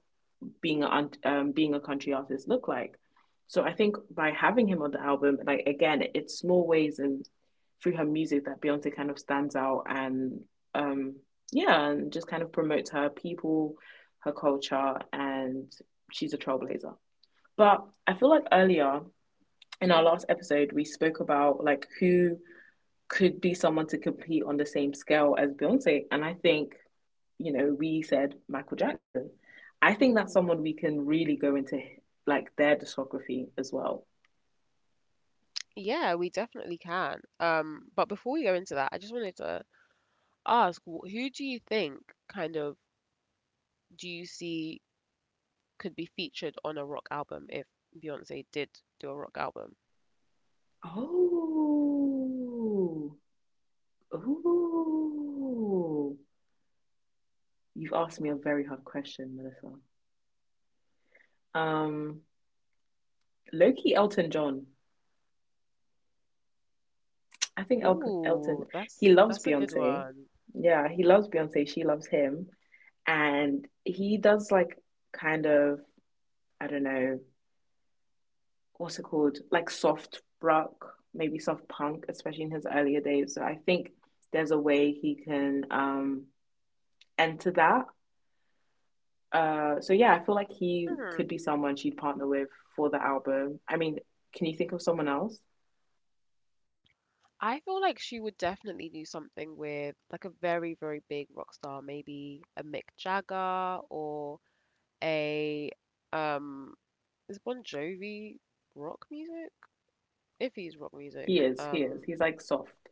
being a being a country artist look like. So I think by having him on the album, like again, it's small ways and through her music that Beyonce kind of stands out and um yeah, and just kind of promotes her people, her culture, and she's a trailblazer. But I feel like earlier in our
Hmm.
last episode we spoke about like who could be someone to compete on the same scale as Beyonce. And I think, you know, we said Michael Jackson. I think that's
Hmm.
someone we can really go into like their discography as well.
Yeah, we definitely can. But before we go into that, I just wanted to ask, who do you think kind of do you see could be featured on a rock album if Beyoncé did do a rock album.
Oh, oh, you've asked me a very hard question, Melissa. Um, Loki Elton John. I think El
Ooh,
Elton, he
that's
loves
that's a good
Beyonce.
one.
Yeah, he loves Beyonce. She loves him. And he does like kind of I don't know, what's it called? Like soft rock, maybe soft punk, especially in his earlier days. So I think there's a way he can enter that. So yeah, I feel like he
Hmm.
could be someone she'd partner with for the album. I mean, can you think of someone else?
I feel like she would definitely do something with like a very, very big rock star, maybe a Mick Jagger or a um is Bon Jovi rock music? If he's rock
He
music.
is, he is.
Um
He's like soft.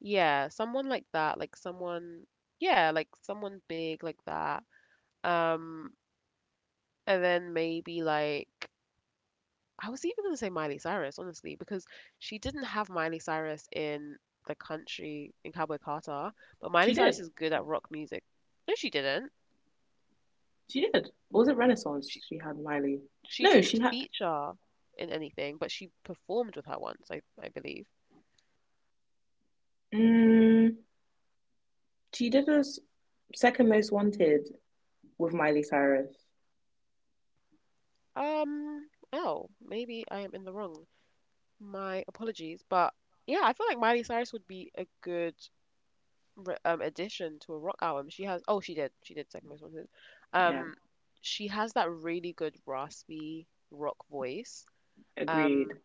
yeah, someone like that, like someone yeah, like someone big like that. Um and then maybe like I was even gonna say Miley Cyrus, honestly, because she didn't have Miley Cyrus in the country in Cowboy Carter, but
She
Miley Cyrus
did.
is good at rock music. No, she didn't.
She did. Or was it Renaissance?
She
She had Miley.
she
No,
didn't
she had.
feature in anything, but she performed with her once, I believe.
Mm, she did a s- second most wanted with Miley Cyrus.
Oh, maybe I am in the wrong. My apologies, but yeah, I feel like Miley Cyrus would be a good addition to a rock album. She has oh she did second most wanted.
Yeah,
Um, she has that really good raspy rock voice.
agreed.
Um,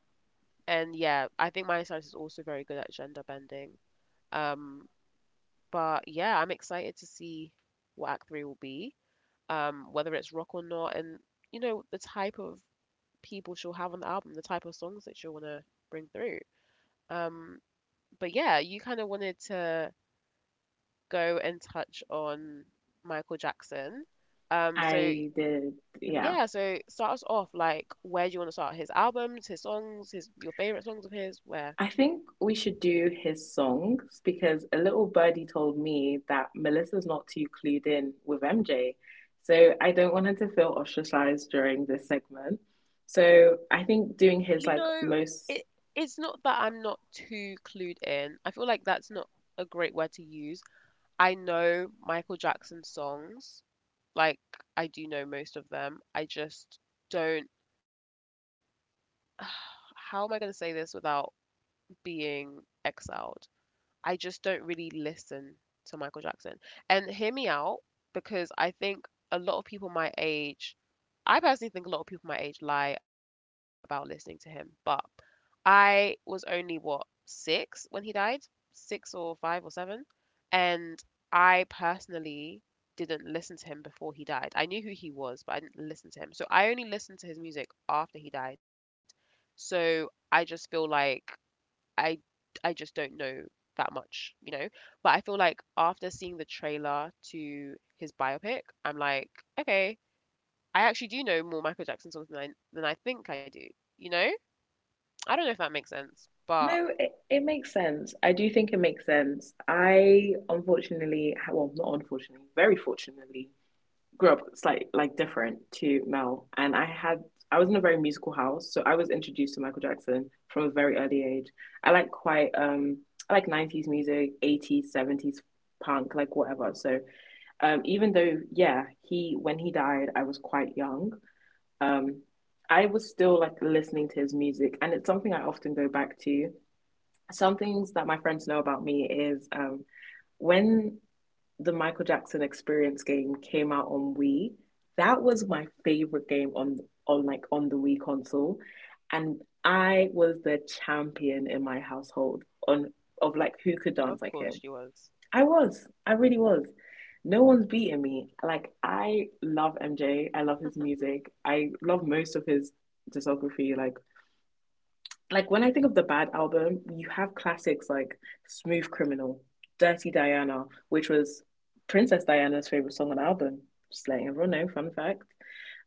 and yeah, I think Miley Cyrus is also very good at gender bending. Um, but yeah, I'm excited to see what Act Three will be, whether it's rock or not, and you know the type of people she'll have on the album, the type of songs that she'll want to bring through. Um, but yeah, you kind of wanted to go and touch on Michael Jackson. So
I did. Yeah.
yeah, so start us off like where do you want to start? His albums, his songs, his your favorite songs of his, where?
I think we should do his songs because a little birdie told me that Melissa's not too clued in with MJ. So I don't want her to feel ostracized during this segment. So I think doing
You
his like
know,
most.
it it's not that I'm not too clued in. I feel like that's not a great word to use. I know Michael Jackson songs. Like I do know most of them. I just don't how am I going to say this without being exiled? I just don't really listen to Michael Jackson. And hear me out, because I personally think a lot of people my age lie about listening to him. But I was only, what, 6 when he died? 6 or 5 or 7? And I personally didn't listen to him before he died. I knew who he was, but I didn't listen to him. So I only listened to his music after he died. So I just feel like I I just don't know that much, you know. But I feel like after seeing the trailer to his biopic, I'm like, okay, I actually do know more Michael Jackson songs than I think I do, you know. I don't know if that makes sense, but
No, it makes sense. I do think it makes sense. I unfortunately, well, not unfortunately, very fortunately, grew up slightly like different to Mel. I was in a very musical house, so I was introduced to Michael Jackson from a very early age. I like I like 90s music, 80s, 70s punk, like whatever. So even though, yeah, when he died, I was quite young. Um, I was still like listening to his music, and it's something I often go back to. Some things that my friends know about me is when the Michael Jackson Experience game came out on Wii, that was my favorite game on on the Wii console, and I was the champion in my household on of
of
like who
course she
could dance like
was.
him. I really was. No one's beating me. Like I love MJ. I love his music. I love most of his discography. Like when I think of the Bad album, you have classics like Smooth Criminal, Dirty Diana, which was Princess Diana's favorite song on the album. Just letting everyone know, fun fact.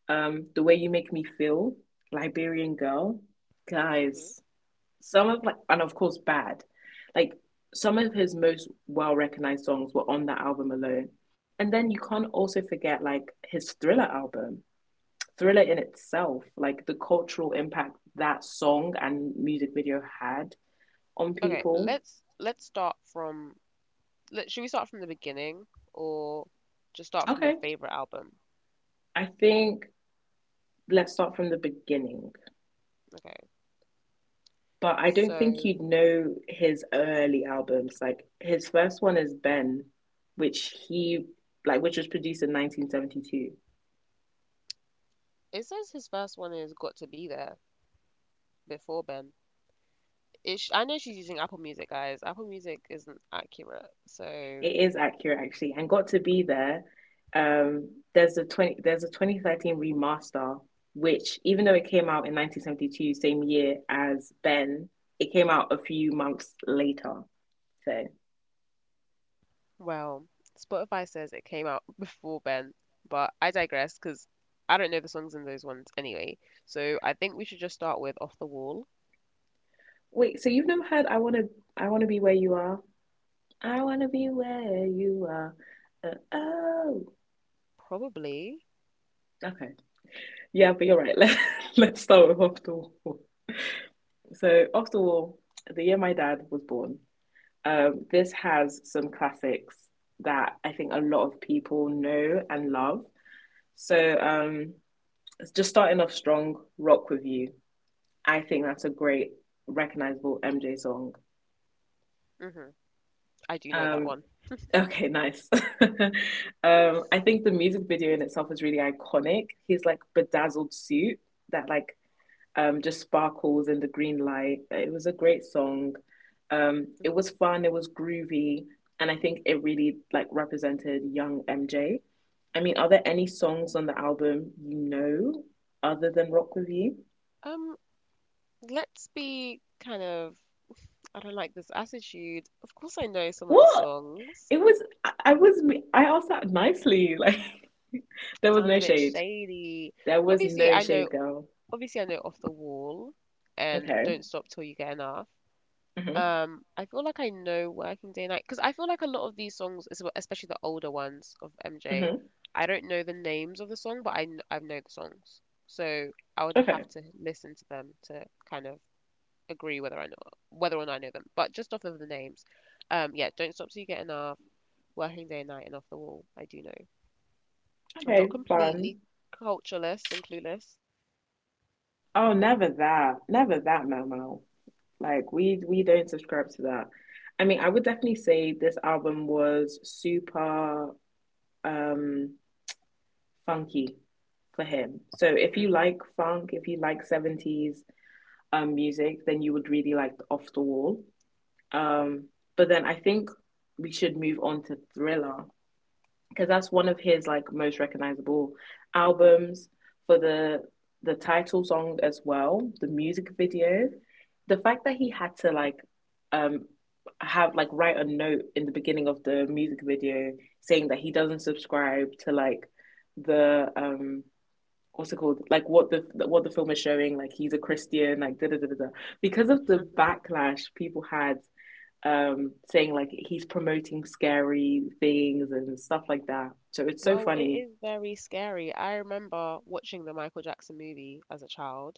The Way You Make Me Feel, Liberian Girl,
hmm
guys. Some of like, and of course, Bad. Like some of his most well recognized songs were on that album alone. And then you can't also forget like his Thriller album. Thriller in itself, like the cultural impact that song and music video had on
Okay,
people.
let's start from. Let, should we start from the beginning or just start from your
Okay,
favorite album?
I think let's start from the beginning.
Okay,
But I don't think you'd
so
know his early albums. Like his first one is Ben, which he like which was produced in 1972.
it says his first one is Got to Be There before Ben. Ish. I know she's using Apple Music, guys. Apple Music isn't accurate. So,
It is accurate actually, and got to be there. Um, there's a 2013 remaster, which even though it came out in 1972, same year as Ben, it came out a few months later. So
well, Spotify says it came out before Ben, but I digress because I don't know the songs in those ones anyway. So I think we should just start with Off the Wall.
wait, so you've never heard I wanna be where you are"? I wanna be where you are. Uh, oh,
Probably.
okay, yeah, but you're right. Let's start with off the wall. So off the wall, the year my dad was born. This has some classics that I think a lot of people know and love. So, um, just starting off strong, Rock With You. I think that's a great, recognizable MJ song.
hmm I do know that
Um,
one.
okay, nice. I think the music video in itself is really iconic. His like bedazzled suit that like just sparkles in the green light. It was a great song. It was
Mm.
fun, it was groovy, and I think it really like represented young MJ. I mean, are there any songs on the album you know other than Rock With You?
Um, let's be kind of. I don't like this attitude. Of course, I know some of the
What?
songs.
It was I was I asked that nicely. Like there was
Sound
no
a bit
shade.
shady.
There was
Obviously,
no
I know
shade, girl.
obviously I know Off the Wall and
Okay.
Don't Stop Till You Get Enough.
Mhm.
I feel like I know Working Day and Night because I feel like a lot of these songs, as well- especially the older ones of MJ,
Mhm.
I don't know the names of the song, but I know the songs, so I would
Okay.
have to listen to them to kind of agree whether I know whether or not I know them. But just off of the names, yeah, Don't Stop Till You Get Enough, Working Day and Night, and Off the Wall, I do know. I'm not
Okay. Fun.
completely cultureless and clueless.
Oh, never that. Never that, Momo. Like we don't subscribe to that. I mean, I would definitely say this album was super um funky for him. So if you
hmm
like funk, if you like 70s music, then you would really like Off the Wall. Um, but then I think we should move on to Thriller because that's one of his like most recognizable albums, for the title song as well, the music video, the fact that he had to like um have like write a note in the beginning of the music video saying that he doesn't subscribe to like the what's it called, like what the film is showing, like he's a Christian, like da da da da, because of the
hmm
backlash people had saying like he's promoting scary things and stuff like that. So it's so
Well, it
funny.
is very scary. I remember watching the Michael Jackson movie as a child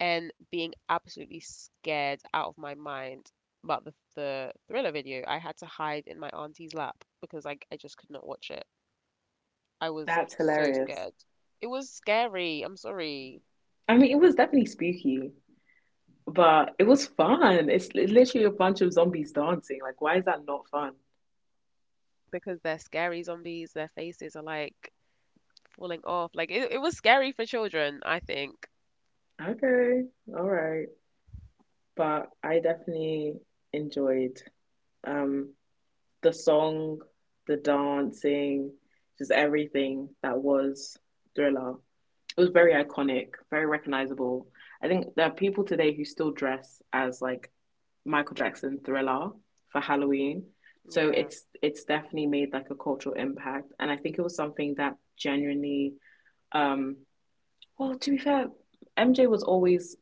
and being absolutely scared out of my mind about the Thriller video. I had to hide in my auntie's lap because I just could not watch it. I was
That's
so
hilarious.
scared. It was scary, I'm sorry,
I mean, it was definitely spooky, but it was fun. It's literally a bunch of zombies dancing. Like, why is that not fun?
because they're scary zombies, their faces are like falling off. Like it was scary for children, I think.
Okay, all right. But I definitely enjoyed um, the song, the dancing, just everything that was Thriller. It was very
hmm
iconic, very recognizable. I think there are people today who still dress as like Michael Jackson Thriller for Halloween. So
Yeah.
it's definitely made like a cultural impact, and I think it was something that genuinely, um, well, to be fair, MJ was always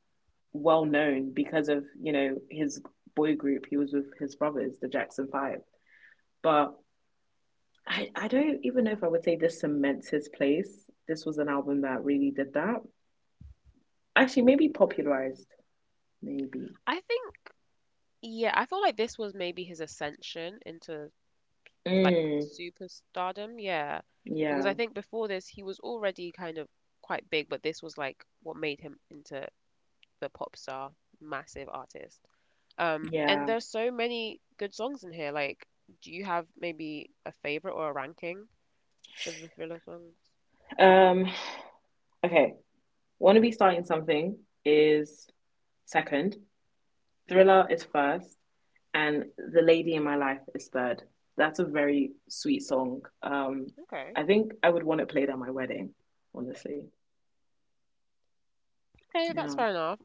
well known because of his boy group. He was with his brothers, the Jackson Five, but. I don't even know if I would say this cements his place. This was an album that really did that, actually maybe
Mm.
popularized maybe.
I think Yeah, I feel like this was maybe his ascension into like
Mm,
superstardom. Yeah. Because I
yeah,
think before this, he was already kind of quite big, but this was like what made him into the pop star, massive artist. And
yeah.
there's so many good songs in here. Like, do you have maybe a favorite or a ranking for the Thriller songs?
Um, okay. Wanna Be Starting Something is second,
hmm
Thriller is first, and The Lady in My Life is third. That's a very sweet song.
Okay.
I think I would want it played at my wedding, honestly.
Okay, that's
Yeah,
fair enough.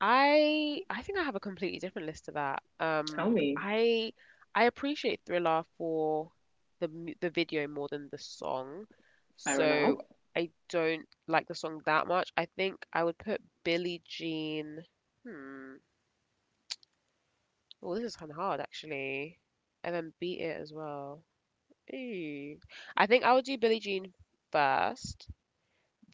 I think I have a completely different list to that.
tell me.
I I appreciate Thriller for the video more than the song,
Fair enough.
so I don't like the song that much. I think I would put Billie Jean. Hmm. Well, this is kind of hard actually, and then Beat It as well. Ooh. I think I would do Billie Jean first,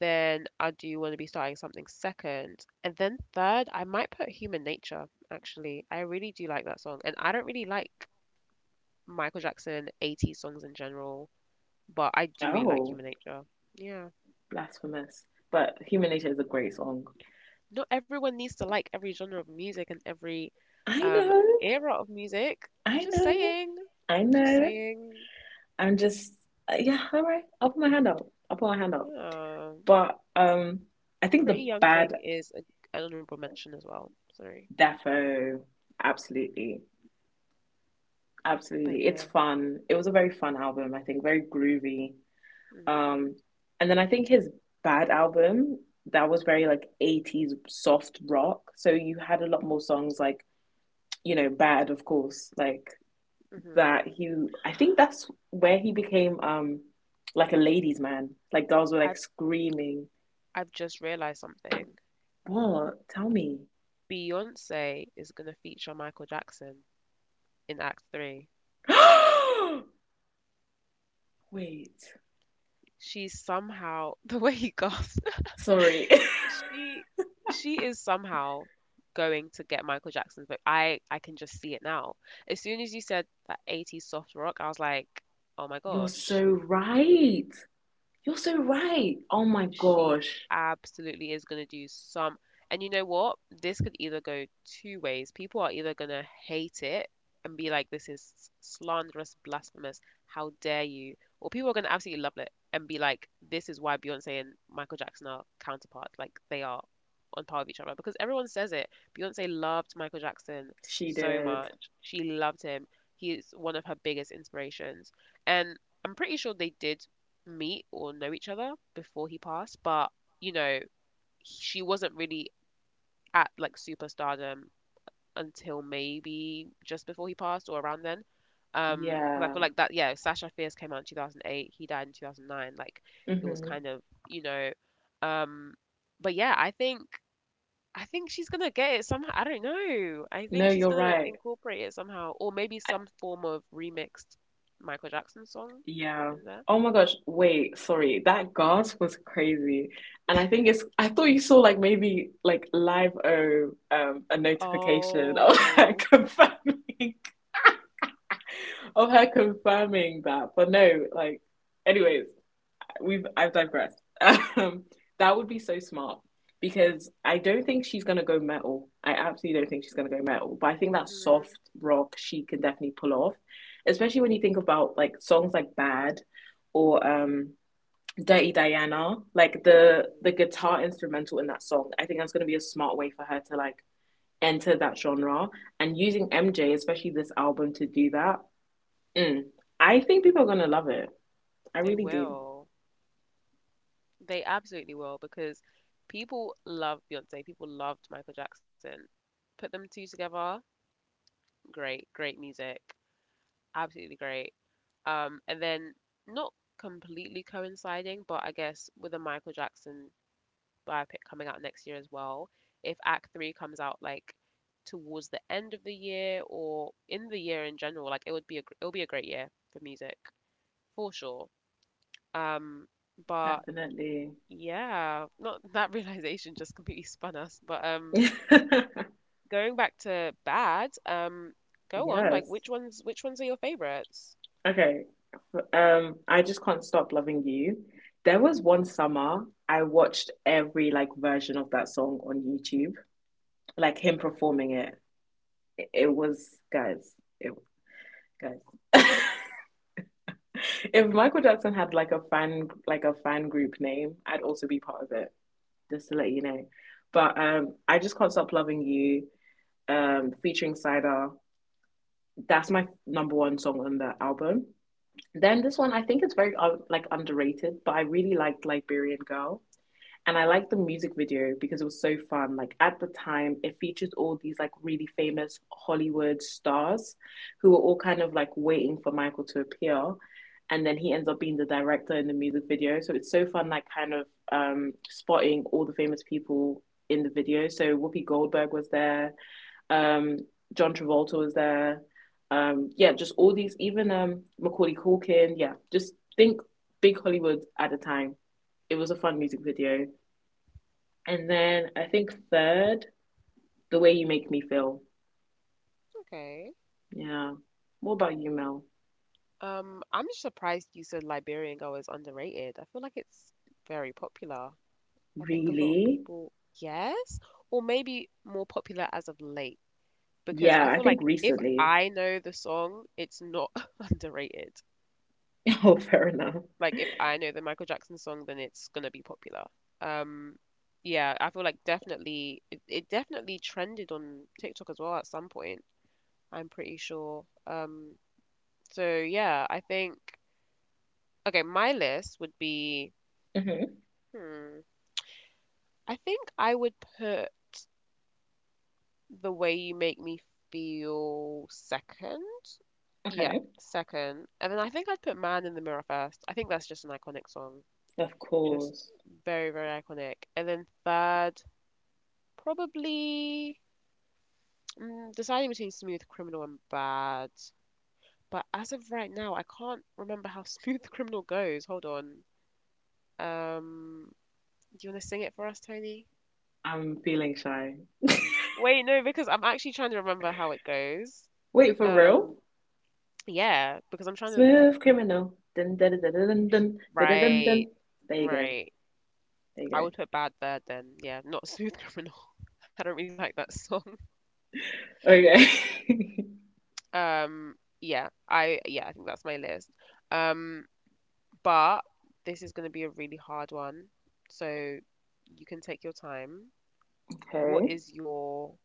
then I do want to be starting something second. And then third, I might put Human Nature, actually. I really do like that song. And I don't really like Michael Jackson 80s songs in general, but I do really like
Oh,
Human Nature. Yeah.
blasphemous. But Human Nature is a great song.
Not everyone needs to like every genre of music and every
I
um
know,
era of music. I'm
I
just
know,
saying.
I
I'm just
know.
saying.
I'm just yeah, all right. I'll put my hand up. I'll put my hand up.
Yeah.
But I think the
Pretty Young
bad
Thing is an honorable mention as well. Sorry.
defo, absolutely, absolutely.
But
It's
yeah.
fun. It was a very fun album. I think very groovy.
hmm
Um, and then I think his bad album that was very like 80s soft rock. So you had a lot more songs like bad, of course, like
hmm
that. He I think that's where he became like a ladies' man. Like girls were like
I
screaming.
I've just realized something.
What? Tell me.
Beyonce is going to feature Michael Jackson in Act 3.
Wait.
She's somehow, the way he gasped,
Sorry.
she she is somehow going to get Michael Jackson's book. I can just see it now. As soon as you said that 80s soft rock, I was like, "Oh my
You're so
gosh."
right. You're so right. Oh my
She
gosh.
absolutely is going to do some. And you know what? This could either go two ways. People are either going to hate it and be like, this is slanderous, blasphemous. How dare you? Or people are going to absolutely love it and be like, this is why Beyonce and Michael Jackson are counterparts. Like, they are on par with each other because everyone says it. Beyonce loved Michael Jackson
She
so
did.
much. She loved him. He's one of her biggest inspirations. And I'm pretty sure they did meet or know each other before he passed, but you know, she wasn't really at like superstardom until maybe just before he passed or around then. Because I
Yeah.
feel like that, yeah, Sasha Fierce came out in 2008, he died in 2009. Like it was
Mm-hmm.
kind of, you know, um, but yeah, I think she's gonna get it somehow. I don't know. I think
No,
she's
you're
gonna
right.
incorporate it somehow, or maybe
I,
some form of remixed Michael Jackson song
yeah.
in there.
Oh my gosh. Wait, sorry. That gasp was crazy. And I think it's, I thought you saw like maybe like live a notification of her
Oh.
confirming of her confirming that. But no, like anyways, We've I've digressed. Um, that would be so smart because I don't think she's gonna go metal. I absolutely don't think she's gonna go metal. But I think that soft
Mm-hmm.
rock she can definitely pull off, especially when you think about like songs like Bad or Dirty Diana. Like the
hmm
guitar instrumental in that song, I think that's gonna be a smart way for her to like enter that genre and using MJ, especially this album, to do that. Mm, I think people are gonna love it. I
They
really do.
will. They absolutely will because people love Beyonce. People loved Michael Jackson. Put them two together, great, great music, absolutely great. And then not completely coinciding, but I guess with a Michael Jackson biopic coming out next year as well, if Act Three comes out like towards the end of the year or in the year in general, like it would be a it'll be a great year for music for sure. Um, but
Definitely.
yeah, not that realization just completely spun us. But going back to bad, go on. Like,
Yes.
which ones? Which ones are your favorites?
Okay. I just can't stop loving you. There was one summer I watched every like version of that song on YouTube, like him performing it. It was guys, it guys. If Michael Jackson had like a fan group name, I'd also be part of it, just to let you know. But I just can't stop loving you, featuring Cider. That's my number one song on the album. Then this one, I think it's very
Hmm,
like underrated, but I really liked Liberian Girl, and I liked the music video because it was so fun. Like at the time, it featured all these like really famous Hollywood stars who were all kind of like waiting for Michael to appear, and then he ends up being the director in the music video. So it's so fun, like kind of spotting all the famous people in the video. So Whoopi Goldberg was there. Um, John Travolta was there. Yeah, just all these, even Macaulay Culkin. Yeah, just think big Hollywood at the time. It was a fun music video. And then I think third, The Way You Make Me Feel.
okay.
Yeah. What about you, Mel?
I'm just surprised you said Liberian Girl is underrated. I feel like it's very popular. I think a lot of
Really?
people, yes, or maybe more popular as of late. Because
Yeah,
I
I
feel
think
like if
recently.
I know the song, it's not underrated.
Oh, fair enough.
Like if I know the Michael Jackson song, then it's gonna be popular. Um, yeah, I feel like definitely it definitely trended on TikTok as well at some point. I'm pretty sure. So yeah, I think okay, my list would be
Hmm.
hmm, I think I would put The Way You Make Me Feel second. Yeah,
Okay.
second. And then I think I'd put Man in the Mirror first. I think that's just an iconic song.
Of
Just
course.
very, very iconic. And then third, probably mm, deciding between Smooth Criminal and Bad. But as of right now, I can't remember how Smooth Criminal goes. Hold on. Um, do you want to sing it for us, Tony?
I'm feeling shy.
Wait, no, because I'm actually trying to remember how it goes.
Wait, for real?
Um, yeah, because I'm trying to.
Smooth criminal. Dun, dun, dun, dun, dun, dun, dun, dun, dun,
Right,
dun. There you go.
right.
There
I
you
would put Bad there then. Yeah, not Smooth Criminal. I don't really like that song.
go. Okay.
Um, yeah, I yeah, I think that's my list. Um, But this is going to be a really hard one. So you can take your time. What
Okay.
is your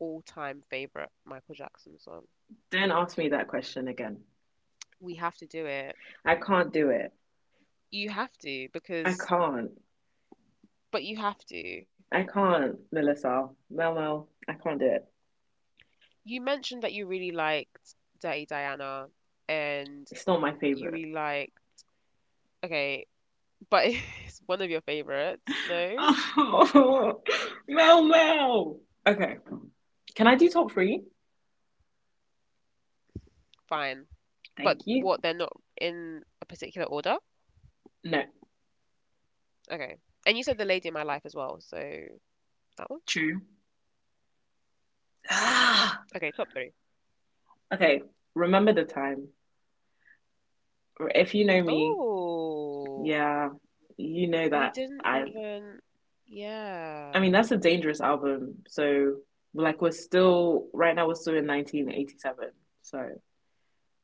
all-time favorite Michael Jackson song?
Don't ask me that question again.
We have to do it.
I can't do it.
You have to
I
because,
can't.
but you have to.
I can't, Melissa. Mel Mel. I can't do it.
You mentioned that you really liked Dirty Diana and
It's not my
you
favorite.
really like, okay, but it's one of your favorites. No?
Oh, Mel Mel. Okay. Can I do top three?
Fine. But
Thank you.
what, they're not in a particular order?
No.
Okay. And you said The Lady in My Life as well, so that one?
True. Ah.
Okay, top three.
Okay. Remember The Time. If you know me,
Oh,
yeah, you know
we
that
didn't
I
even.
I
Yeah,
mean that's a dangerous album. So like we're still right now we're still in 1987. So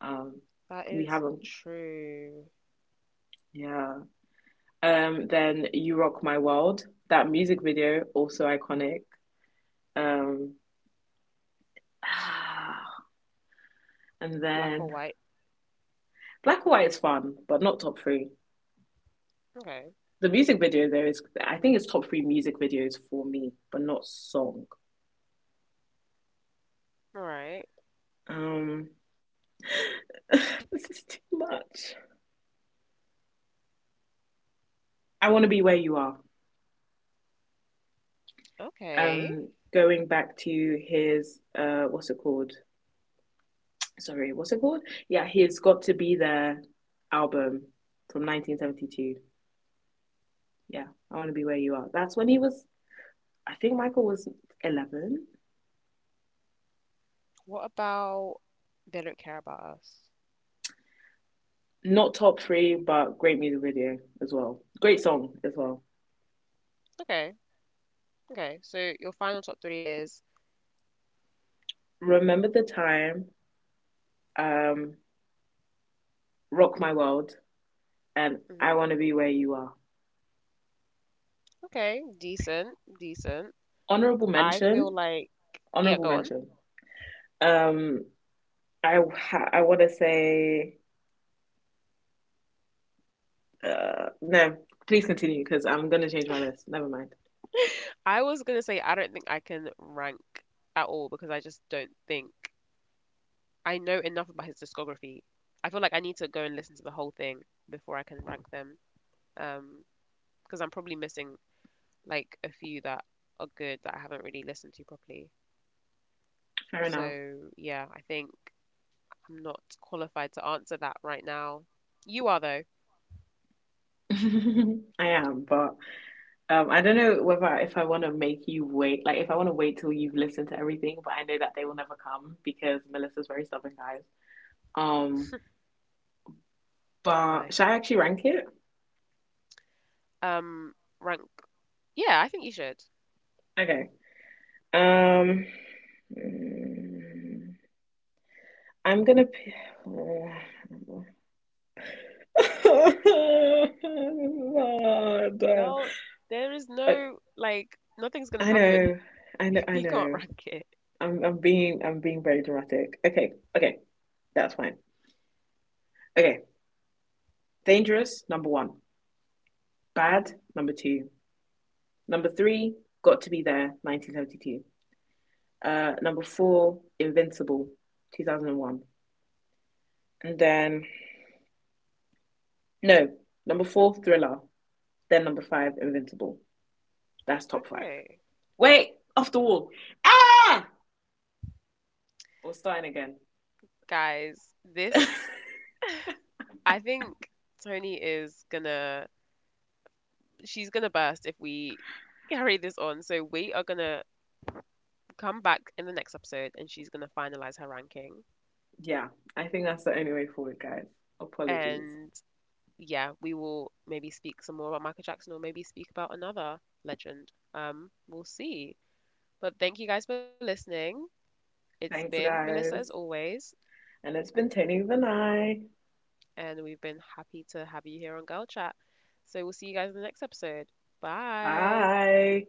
um
that
we
is
haven't
true.
yeah. Then You Rock My World, that music video also iconic. Um and
Black or
then
white.
Black or White is fun, but not top 3.
Okay.
The music video though is I think it's top 3 music videos for me, but not song.
All right.
Um this is too much. I want to be where you are.
Okay.
Um, going back to his what's it called? Sorry, what's it called? Yeah, his Got to Be There album from 1972. Yeah, I want to be where you are. That's when he was. I think Michael was 11.
What about they don't care about us?
Not top three, but great music video as well.
Hmm,
Great song as well.
okay. Okay. So your final top three is.
Remember The Time, um, Rock My World, and I
Mhm.
want to be where you are.
Okay. Decent. Decent.
Honorable
I feel
mention.
like. Yeah,
Honorable
go on.
mention. Um, I want to say no. Please continue because I'm gonna change my list. Never mind.
I was gonna say I don't think I can rank at all because I just don't think I know enough about his discography. I feel like I need to go and listen to the whole thing before I can rank them. Um, because I'm probably missing like a few that are good that I haven't really listened to properly.
Fair enough.
So yeah, I'm not qualified to answer that right now. You are though,
I am, but I don't know whether if I want to make you wait. Like, if I want to wait till you've listened to everything, but I know that they will never come because Melissa's very stubborn, guys. Um,
am
but
I?
should I actually rank it?
Um, rank. Yeah, I think you should.
Okay. Um, mm, I'm gonna. p- God.
Girl, there is
I,
no like nothing's gonna
I
happen
know, I know,
if
I
you can't
know.
rank it.
I'm being very dramatic. Okay, okay, that's fine. Okay, dangerous, number one. Bad,
hmm
number two. Number three, got to be there, 1972. Number four, Invincible, 2001. And one. And then, no, number four, Thriller. Then number five, Invincible. That's top five.
Okay
Wait, off the wall. Ah! We're starting again.
guys, this I think Tony is gonna she's gonna burst if we carry this on. So we are gonna come back in the next episode and she's gonna finalize her ranking.
Yeah, I think that's the only way forward, guys. Apologies.
And yeah, we will maybe speak some more about Michael Jackson or maybe speak about another legend. We'll see. But thank you guys for listening. It's
Thanks,
been Melissa as
guys.
always,
And it's been Tani Vinay.
and we've been happy to have you here on Girl Chat. So we'll see you guys in the next episode. Bye.
Bye.